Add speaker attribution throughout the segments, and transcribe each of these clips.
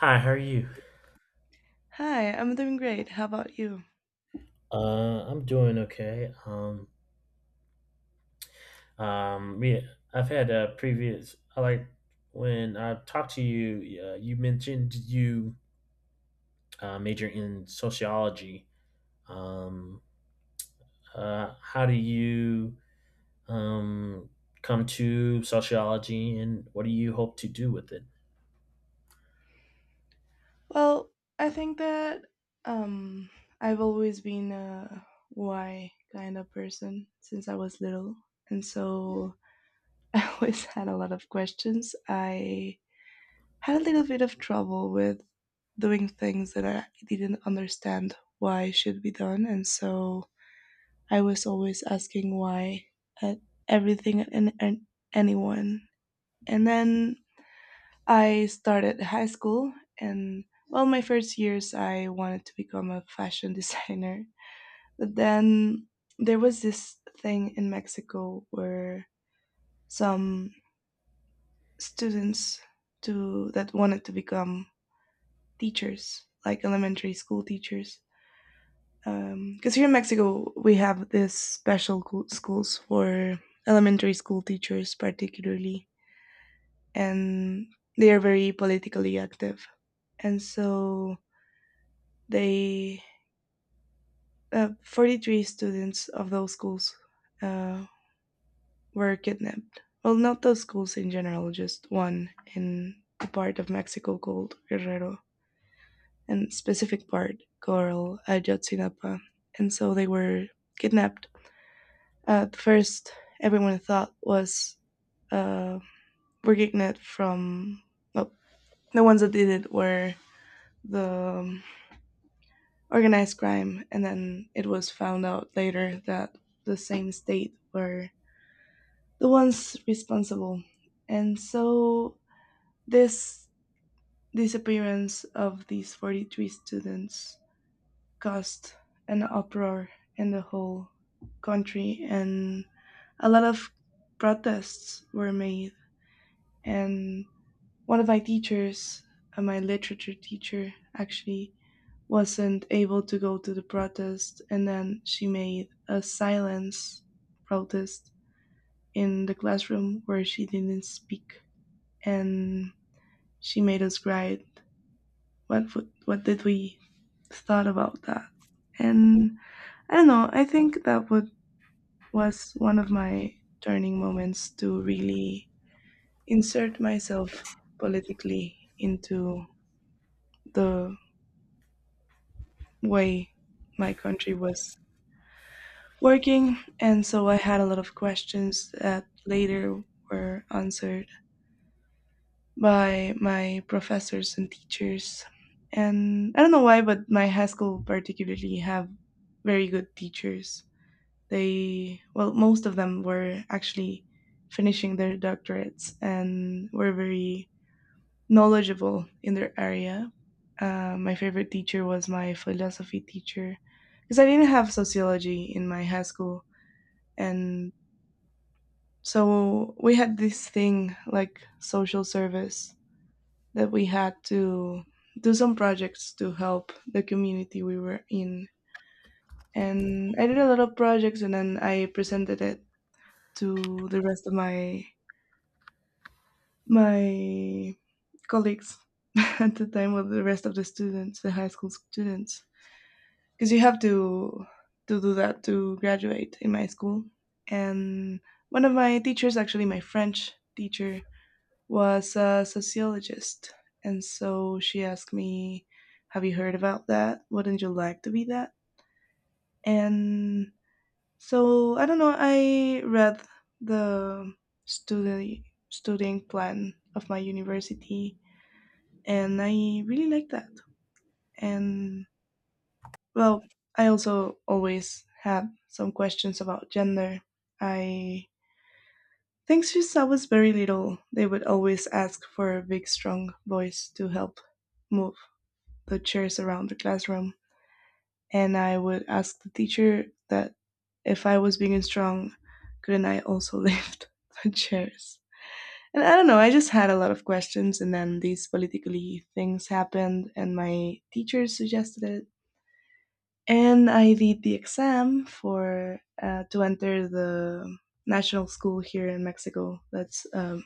Speaker 1: Hi, how are you?
Speaker 2: Hi, I'm doing great. How about you?
Speaker 1: I'm doing okay. Um, yeah, I've had a previous. I like when I talked to you. You mentioned you major in sociology. Um, how do you um come to sociology, and what do you hope to do with it?
Speaker 2: Well, I think that um, I've always been a why kind of person since I was little. And so I always had a lot of questions. I had a little bit of trouble with doing things that I didn't understand why should be done. And so I was always asking why at everything and anyone. And then I started high school, and well, my first years I wanted to become a fashion designer. But then there was this thing in Mexico where some students to that wanted to become teachers, like elementary school teachers. Because here in Mexico, we have this special schools for elementary school teachers, particularly, and they are very politically active. And so they 43 students of those schools uh, were kidnapped. Well, not those schools in general, just one in the part of Mexico called Guerrero, and specific part called Ayotzinapa. And so they were kidnapped. At first, everyone thought was uh, were kidnapped from. Well, the ones that did it were the organized crime, and then it was found out later that the same state were the ones responsible. And so this disappearance of these 43 students caused an uproar in the whole country and a lot of protests were made and one of my teachers, my literature teacher, actually wasn't able to go to the protest, and then she made a silence protest in the classroom where she didn't speak, and she made us write what did we thought about that, and I don't know. I think that would, was one of my turning moments to really insert myself politically into the way my country was working. And so I had a lot of questions that later were answered by my professors and teachers. And I don't know why, but my high school particularly have very good teachers. They, well, most of them were actually finishing their doctorates and were very knowledgeable in their area. My favorite teacher was my philosophy teacher because I didn't have sociology in my high school. And so we had this thing like social service that we had to do some projects to help the community we were in. And I did a lot of projects and then I presented it to the rest of my colleagues at the time with the rest of the students, the high school students. Because you have to do that to graduate in my school and one of my teachers actually my French teacher was a sociologist and so she asked me have you heard about that wouldn't you like to be that and so I don't know I read the study studying plan of my university and I really like that and well, I also always had some questions about gender. I think since I was very little, they would always ask for a big, strong boys to help move the chairs around the classroom. And I would ask the teacher that if I was big and strong, couldn't I also lift the chairs? And I don't know, I just had a lot of questions, and then these politically things happened, and my teacher suggested it, and I did the exam for to enter the national school here in Mexico. That's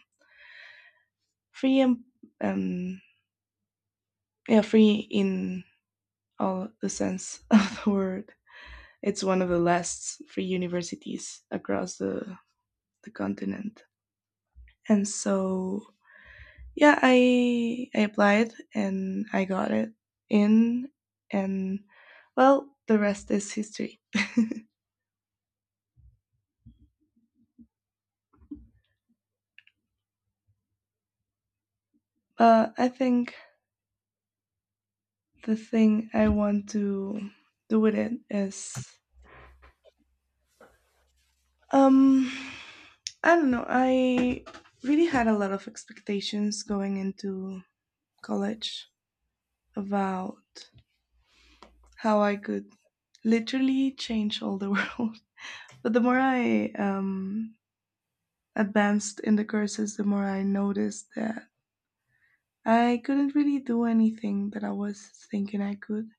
Speaker 2: free and um, yeah, free in all the sense of the word. It's one of the last free universities across the continent, and so yeah, I applied and I got it in, and well, the rest is history. But I think the thing I want to do with it is um I don't know. I really had a lot of expectations going into college about how I could literally change all the world. But the more I advanced in the courses, the more I noticed that I couldn't really do anything that I was thinking I could.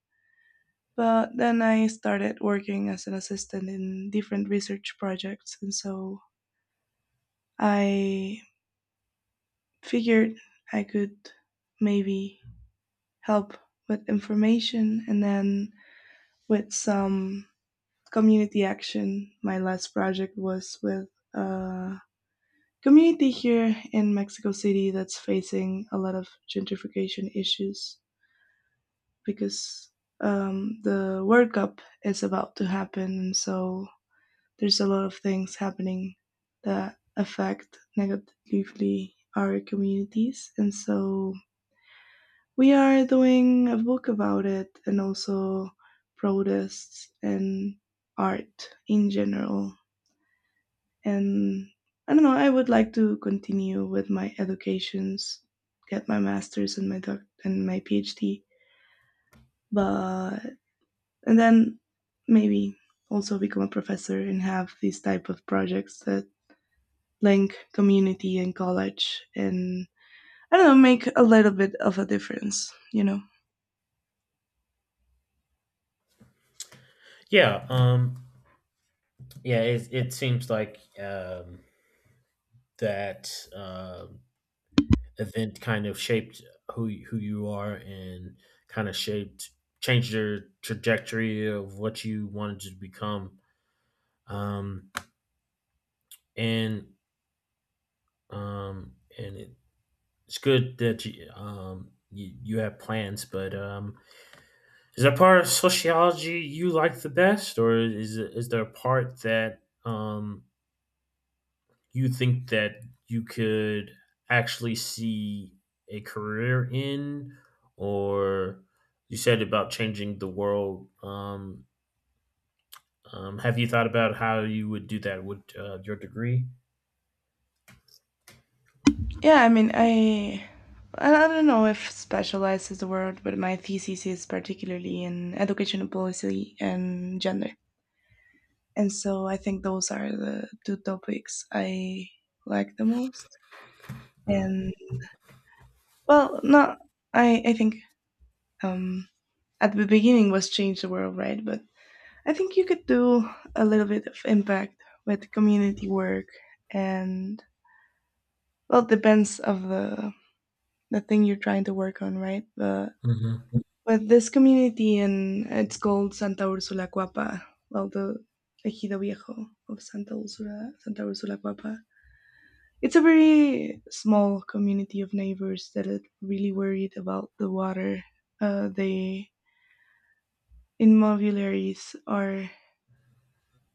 Speaker 2: But then I started working as an assistant in different research projects, and so I figured I could maybe help with information and then with some community action. My last project was with a community here in Mexico City that's facing a lot of gentrification issues because the World Cup is about to happen, and so there's a lot of things happening that affect negatively our communities. And so we are doing a book about it and also protests and art in general. And I don't know, I would like to continue with my educations, get my master's and my doc and my PhD, but and then maybe also become a professor and have these type of projects that link community and college and I don't know, make a little bit of a difference, you know.
Speaker 1: Yeah. Yeah. It seems like that event kind of shaped who you are and kind of shaped changed your trajectory of what you wanted to become, um and um and it, it's good that you, you have plans, but is there a part of sociology you like the best, or is there a part that you think that you could actually see a career in, or you said about changing the world, have you thought about how you would do that with your degree?
Speaker 2: Yeah, I mean, I don't know if specialized is the word, but my thesis is particularly in educational policy and gender. And so I think those are the two topics I like the most.
Speaker 1: Mm.
Speaker 2: And well, no, I think um at the beginning was change the world, right? But I think you could do a little bit of impact with community work and well, it depends of the thing you're trying to work on, right?
Speaker 1: Hmm.
Speaker 2: But this community, and it's called Santa Ursula Cuapa, well, the Ejido Viejo of Santa Ursula, Santa Ursula Cuapa. It's a very small community of neighbors that are really worried about the water the inmobiliaries are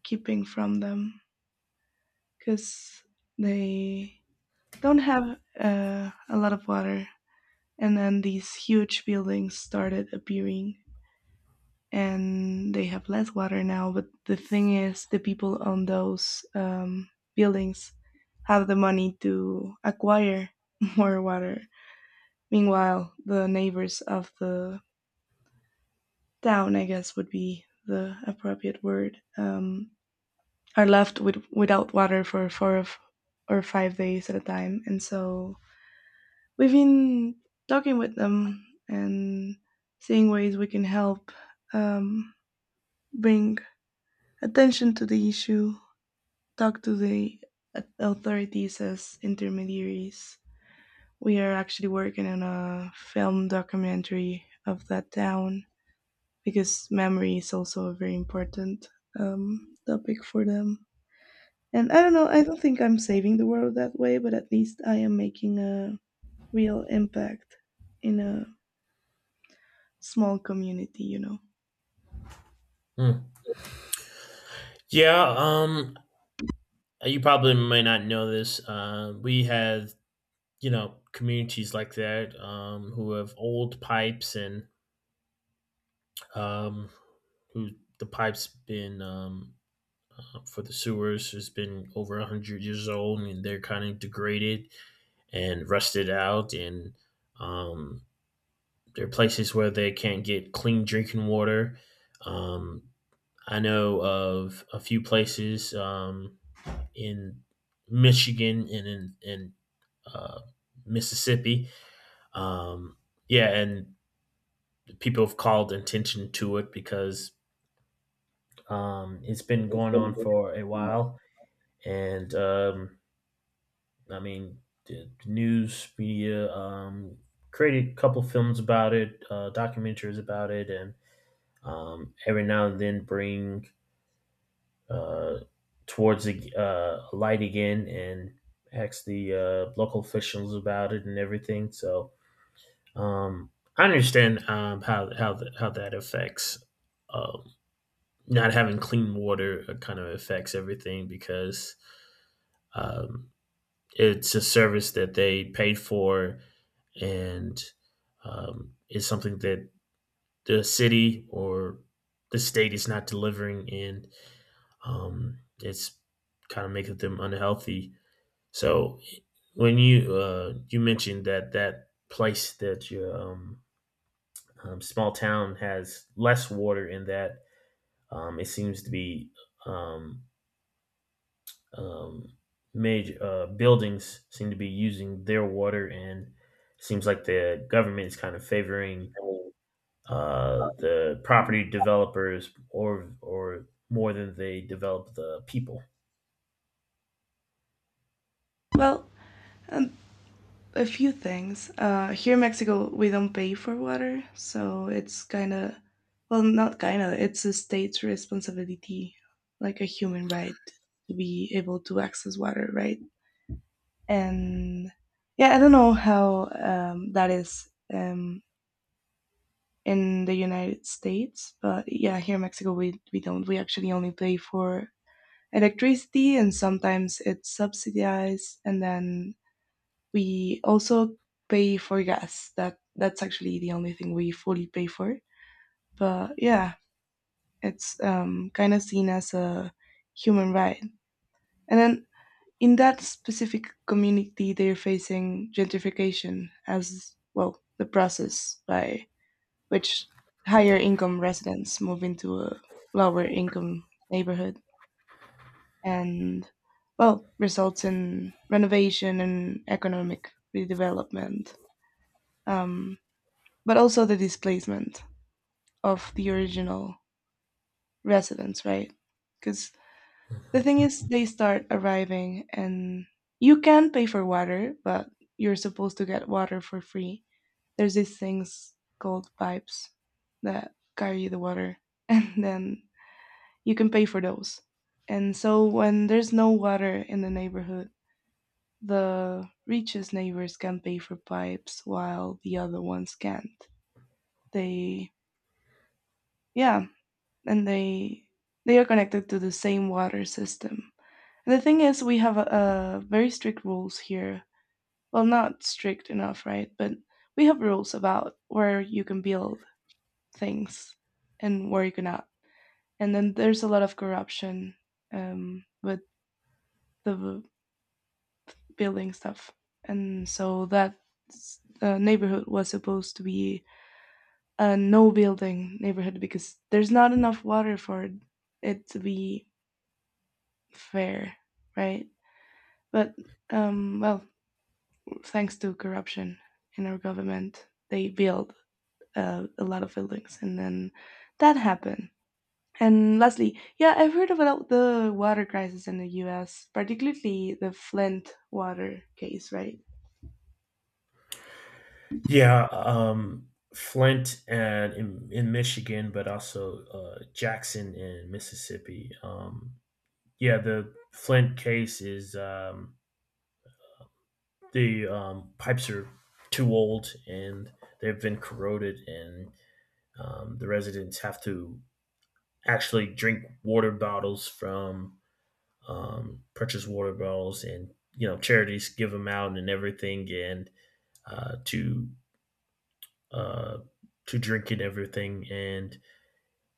Speaker 2: keeping from them because they don't have a lot of water. And then these huge buildings started appearing and they have less water now. But the thing is, the people on those buildings have the money to acquire more water. Meanwhile, the neighbors of the town, I guess, would be the appropriate word, are left with without water for four of, or 5 days at a time. And so we've been talking with them and seeing ways we can help um, bring attention to the issue talk to the authorities as intermediaries. We are actually working on a film documentary of that town because memory is also a very important topic for them. And I don't know, I don't think I'm saving the world that way, but at least I am making a real impact in a small community, you know.
Speaker 1: Yeah, you probably may not know this. We have, you know, communities like that, who have old pipes and, um, who the pipes been, for the sewers, has been over 100 years old, and they're kind of degraded and rusted out, and um, there are places where they can't get clean drinking water. um, I know of a few places, in Michigan and in uh, Mississippi. Um, yeah and People have called attention to it because it's been going on for a while, and I mean, the news media, created a couple films about it, documentaries about it, and every now and then bring uh, towards the light again and ask the local officials about it and everything. So um, I understand how how that affects. Um, Not having clean water kind of affects everything because um, it's a service that they paid for, and is something that the city or the state is not delivering, and it's kind of making them unhealthy. So when you you mentioned that that place that your small town has less water in that, it seems to be, um, um, major buildings seem to be using their water, and it seems like the government is kind of favoring the property developers or more than they develop the people.
Speaker 2: Well, and a few things. Here in Mexico, we don't pay for water, so it's kind of, well, not kind of, it's a state's responsibility, like a human right to be able to access water, right? And yeah, I don't know how that is um, in the United States, but yeah, here in Mexico, we don't. We actually only pay for electricity, and sometimes it's subsidized, and then we also pay for gas. That's actually the only thing we fully pay for. But yeah, it's kind of seen as a human right. And then in that specific community, they're facing gentrification as well the process by which higher income residents move into a lower income neighborhood and well results in renovation and economic redevelopment, um, but also the displacement of the original residents, right? Because the thing is, they start arriving and you can pay for water, but you're supposed to get water for free. There's these things called pipes that carry the water, and then you can pay for those. And so when there's no water in the neighborhood, the richest neighbors can pay for pipes while the other ones can't. They, yeah, and they are connected to the same water system. And the thing is, we have very strict rules here. Well, not strict enough, right? But we have rules about where you can build things and where you cannot. And then there's a lot of corruption with the building stuff, and so that neighborhood was supposed to be a no building neighborhood because there's not enough water for it to be fair, right? But well, thanks to corruption in our government, they built a lot of buildings, and then that happened. And lastly, yeah, I've heard about the water crisis in the U.S., particularly the Flint water case, right?
Speaker 1: Yeah, Flint and in Michigan, but also Jackson in Mississippi. Yeah, the Flint case is, the pipes are too old and they've been corroded, and the residents have to actually drink water bottles from, purchase water bottles, and you know charities give them out and everything, and uh, to uh, to drink it everything. And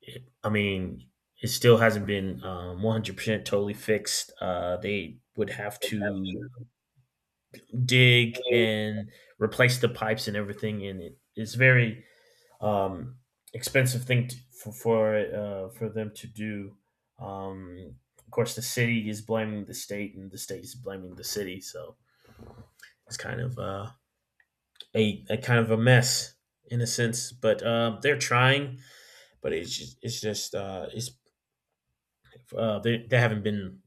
Speaker 1: it, I mean, it still hasn't been 100% totally fixed. They would have to dig and replace the pipes and everything, and it is very um, expensive thing to, for them to do. Of course, the city is blaming the state, and the state is blaming the city. So it's kind of a kind of a mess in a sense. But they're trying, but it's just, it's just it's they haven't been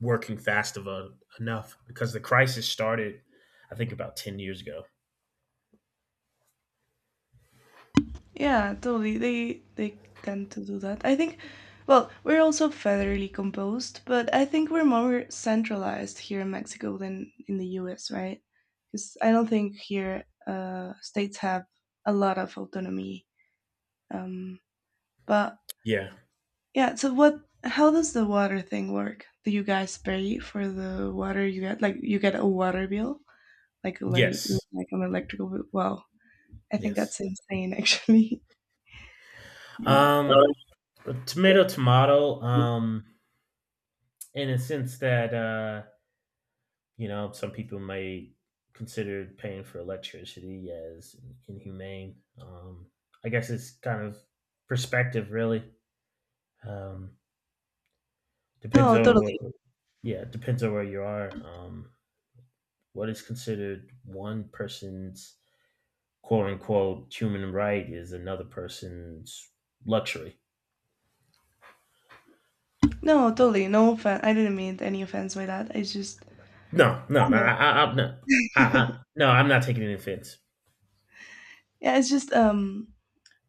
Speaker 1: working enough because the crisis started, I think, about 10 years ago.
Speaker 2: Yeah, totally. They tend to do that. I think well, we're also federally composed, but I think we're more centralized here in Mexico than in the U.S., right? Cuz I don't think here states have a lot of autonomy. Um but
Speaker 1: Yeah.
Speaker 2: yeah, so what how does the water thing work? Do you guys pay for the water you get? Like you get a water bill? Like le-
Speaker 1: Yes.
Speaker 2: like an electrical bill? Wow. I think that's
Speaker 1: Yes.
Speaker 2: insane actually. But
Speaker 1: Um, Tomato, tomato. In a sense that, you know, some people may consider paying for electricity as inhumane. I guess it's kind of perspective, really. Um, depends
Speaker 2: no,
Speaker 1: on what,
Speaker 2: totally.
Speaker 1: yeah, depends on where you are. What is considered one person's quote unquote human right is another person's luxury.
Speaker 2: No, totally. No offense. I didn't mean any offense by that. It's just,
Speaker 1: No,
Speaker 2: I
Speaker 1: no, no,
Speaker 2: know.
Speaker 1: I'm not. I, I, no, I'm not taking any offense.
Speaker 2: Yeah, it's just,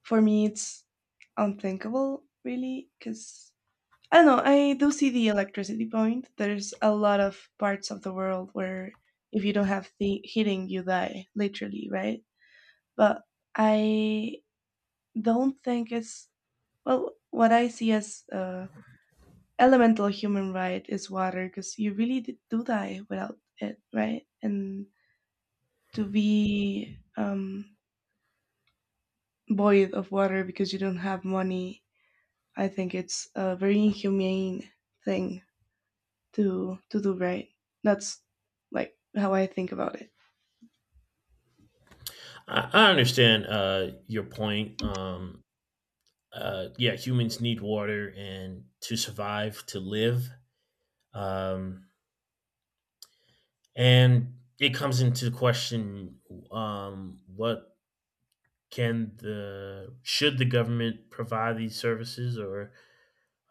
Speaker 2: for me, it's unthinkable, really, because I don't know. I do see the electricity point. There's a lot of parts of the world where if you don't have the heating, you die, literally, right? But I don't think it's, well, what I see as elemental human right is water, because you really do die without it, right? And to be void of water because you don't have money, I think it's a very inhumane thing to do right. That's like how I think about it.
Speaker 1: I understand your point. Yeah, humans need water and to survive, to live. Um, and it comes into question, what can the should the government provide these services, or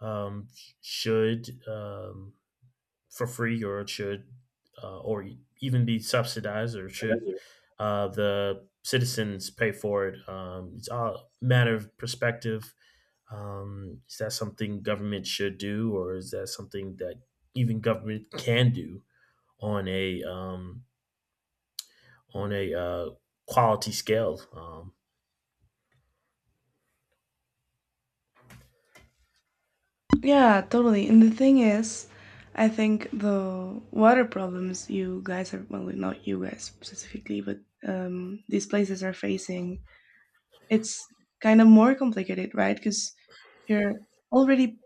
Speaker 1: um, should for free, or should, or even be subsidized, or should the citizens pay for it? It's all a matter of perspective. Is that something government should do, or is that something that even government can do on a, on a uh, quality scale?
Speaker 2: Yeah, totally. And the thing is, I think the water problems you guys are, well, not you guys specifically, but these places are facing, it's kind of more complicated, right? Because you're already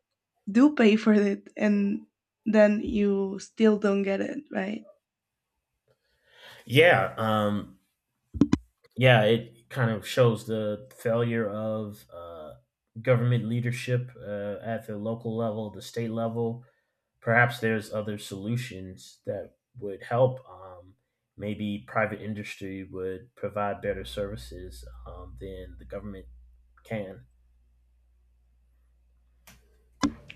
Speaker 2: do pay for it and then you still don't get it, right?
Speaker 1: Yeah, yeah, it kind of shows the failure of government leadership at the local level, the state level. Perhaps there's other solutions that would help. Maybe private industry would provide better services than the government can.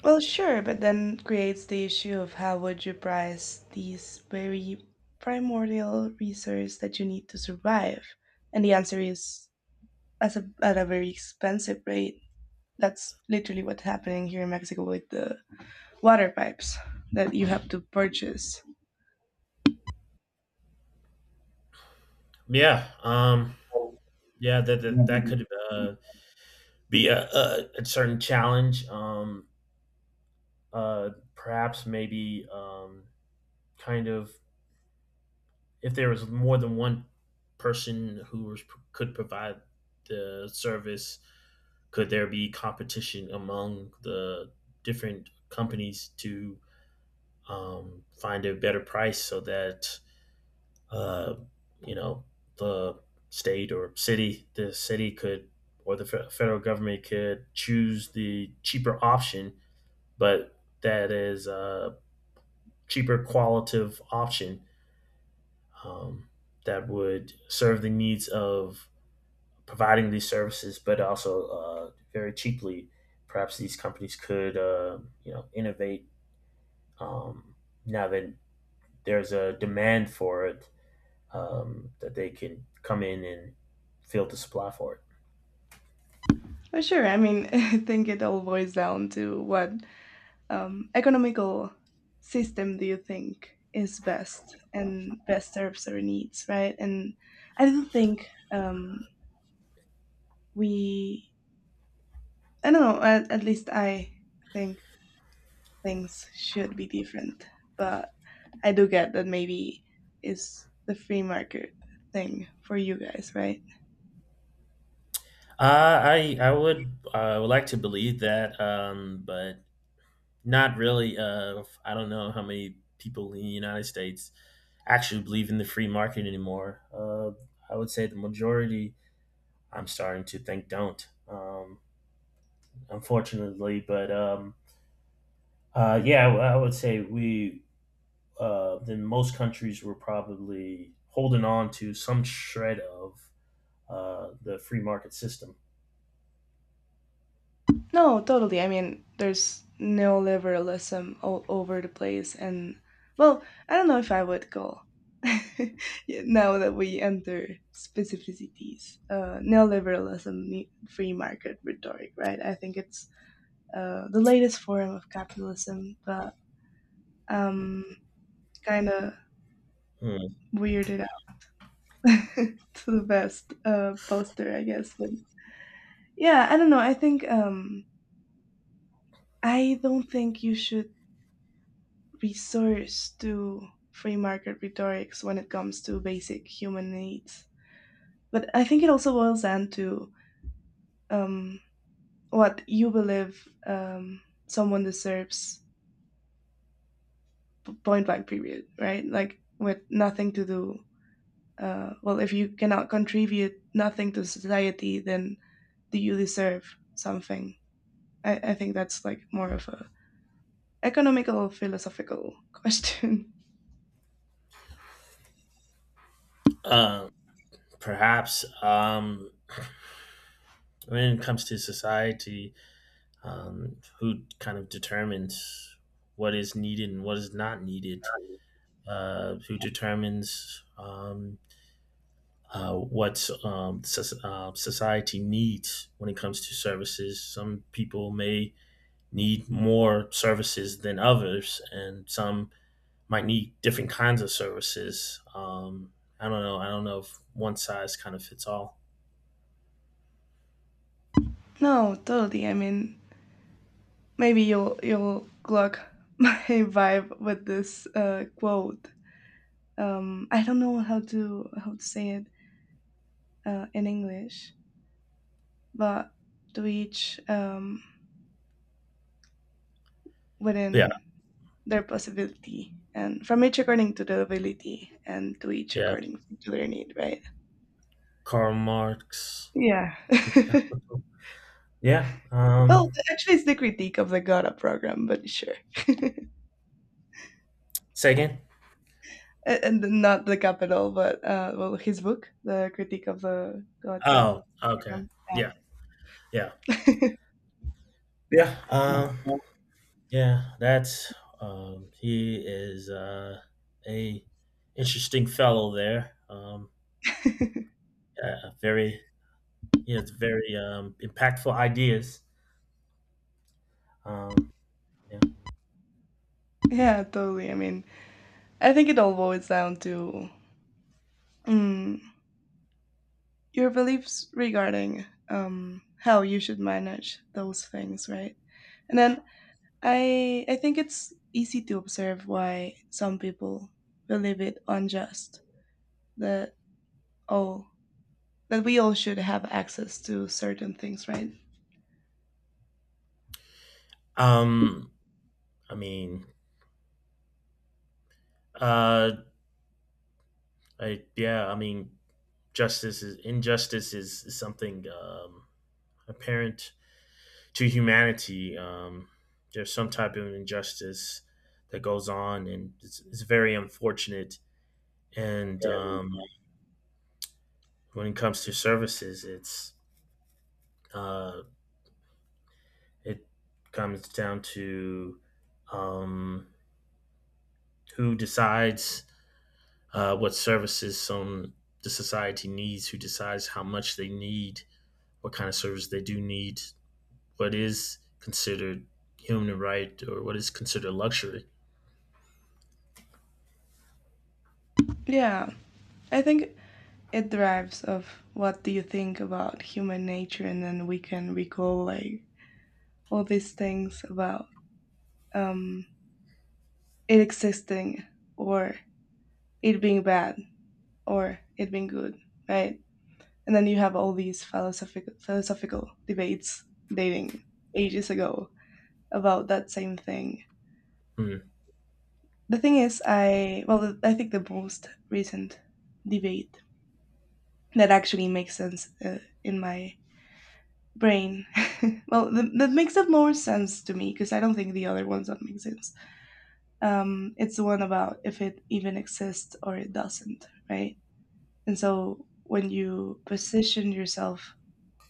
Speaker 2: Well, sure, but then creates the issue of how would you price these very primordial resource that you need to survive? And the answer is as at a very expensive rate. That's literally what's happening here in Mexico with the water pipes that you have to purchase.
Speaker 1: Yeah, yeah, that that
Speaker 2: Well,
Speaker 1: could be a certain challenge. Perhaps maybe, kind of, if there was more than one person who was, could provide the service, could there be competition among the different companies to, find a better price so that, uh, you know, the state or city, the city could, or the federal government could choose the cheaper option, but that is a cheaper qualitative option, um, that would serve the needs of providing these services, but also very cheaply. Perhaps these companies could, you know, innovate, um, now that there's a demand for it, that they can come in and fill the supply for it.
Speaker 2: sure. I mean, I think it all boils down to what economical system do you think is best and best serves our needs, right? And I do think, we, I don't know, at least I think things should be different, but I do get that maybe it's the free market thing for you guys, right?
Speaker 1: I would like to believe that, but not really. I don't know how many people in the United States actually believe in the free market anymore. I would say the majority I'm starting to think don't. Unfortunately, but yeah, I would say we, in most countries we're probably holding on to some shred of the free market system.
Speaker 2: No, totally. I mean, there's neoliberalism all over the place, and, well, I don't know if I would call. Yeah, now that we enter specificities, neoliberalism, free market rhetoric, right? I think it's the latest form of capitalism, but um, kind of
Speaker 1: Hmm.
Speaker 2: weirded out to the best poster, I guess. But yeah, I don't know. I think, I don't think you should resource to free market rhetorics when it comes to basic human needs. But I think it also boils down to um, what you believe um, someone deserves, point blank, period, right? Like, with nothing to do. Well, if you cannot contribute nothing to society, then do you deserve something? I think that's like more of a economical philosophical question.
Speaker 1: Um, Perhaps, when it comes to society, who kind of determines what is needed and what is not needed? Who determines, what, society needs when it comes to services? Some people may need more services than others, and some might need different kinds of services. I don't know. I don't know if one size kind of fits all.
Speaker 2: no, totally. I mean, maybe you'll clock my vibe with this quote. I don't know how to say it in English, but to each,
Speaker 1: But yeah,
Speaker 2: within their possibility, and from each according to the ability, and to each
Speaker 1: yeah.
Speaker 2: according to their need. Right?
Speaker 1: Karl Marx.
Speaker 2: Yeah.
Speaker 1: Yeah.
Speaker 2: well, actually, it's the critique of the got program, but sure.
Speaker 1: Say again.
Speaker 2: And not the capital, but, well, his book, the critique of the God
Speaker 1: Oh, okay.
Speaker 2: program.
Speaker 1: Yeah, yeah,
Speaker 2: Yeah.
Speaker 1: yeah. Yeah. That's, he is a interesting fellow there. Yeah, very. He has very impactful ideas. Um, yeah.
Speaker 2: Yeah, totally. I mean, I think it all boils down to, mm, your beliefs regarding how you should manage those things, right? And then I think it's easy to observe why some people believe it unjust that, oh, that we all should have access to certain things, right?
Speaker 1: Um, I mean, uh, yeah, I mean, justice is injustice is something apparent to humanity. There's some type of injustice that goes on, and it's very unfortunate. And when it comes to services, it's uh, it comes down to, um, who decides what services some the society needs, who decides how much they need, what kind of service they do need, what is considered human right or what is considered luxury.
Speaker 2: Yeah, I think it derives of what do you think about human nature, and then we can recall like all these things about, um, it existing or it being bad or it being good, right? And then you have all these philosophical debates dating ages ago about that same thing.
Speaker 1: Hmm.
Speaker 2: The thing is, I, well, I think the most recent debate that actually makes sense in my brain. well, that makes up more sense to me because I don't think the other ones don't make sense. It's the one about if it even exists or it doesn't, right? And so when you position yourself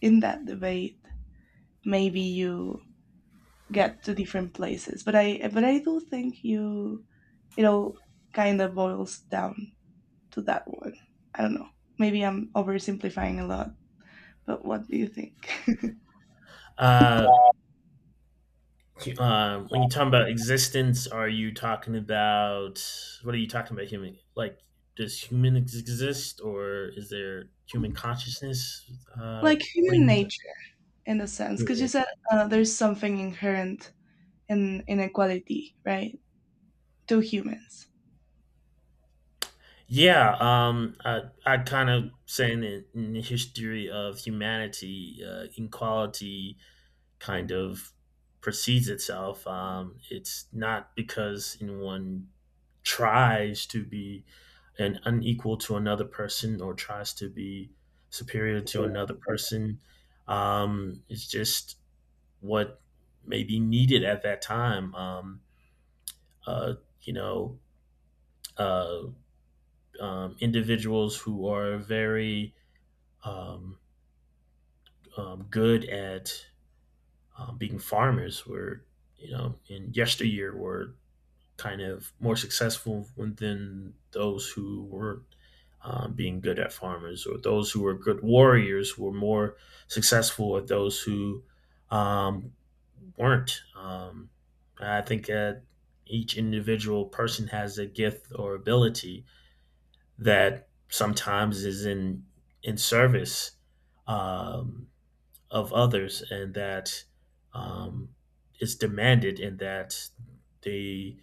Speaker 2: in that debate, maybe you get to different places. But I do think you it all kind of boils down to that one. I don't know. Maybe I'm oversimplifying a lot, but what do you think?
Speaker 1: Uh, when you talk about existence, are you talking about what are you talking about? Human, like, does human exist, or is there human consciousness?
Speaker 2: like
Speaker 1: What do you
Speaker 2: human
Speaker 1: mean by
Speaker 2: nature in a sense,
Speaker 1: human?
Speaker 2: because you said there's something inherent in inequality, right? To humans.
Speaker 1: Yeah, I kind of saying in the history of humanity, inequality kind of precedes itself. It's not because anyone tries to be an unequal to another person or tries to be superior to another person. It's just what may be needed at that time. Uh, you know, uh, individuals who are very, um, good at, being farmers were, you know, in yesteryear were kind of more successful than those who weren't being good at farmers, or those who were good warriors were more successful at those who um, weren't. I think that each individual person has a gift or ability that sometimes is in service um, of others, and that um, is demanded, and that they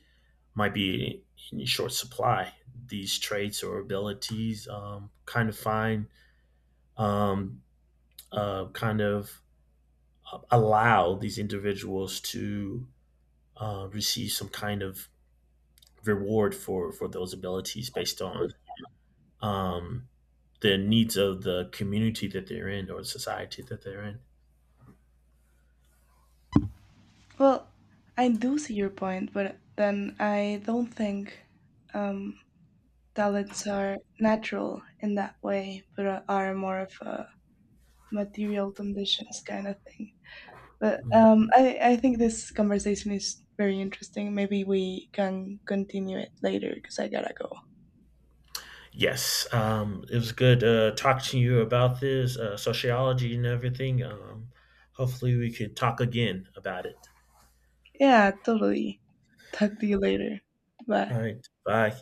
Speaker 1: might be in short supply these traits or abilities kind of find, um, kind of allow these individuals to receive some kind of reward for those abilities based on um, the needs of the community that they're in or the society that they're in.
Speaker 2: Well, I do see your point, but then I don't think, um, talents are natural in that way, but are more of a material conditions kind of thing. But
Speaker 1: Mm.
Speaker 2: I think this conversation is very interesting. Maybe we can continue it later because I gotta go.
Speaker 1: Yes, it was good talking to you about this sociology and everything. Hopefully, we could talk again about it.
Speaker 2: Yeah, totally. Talk to you later. Bye.
Speaker 1: All right. Bye.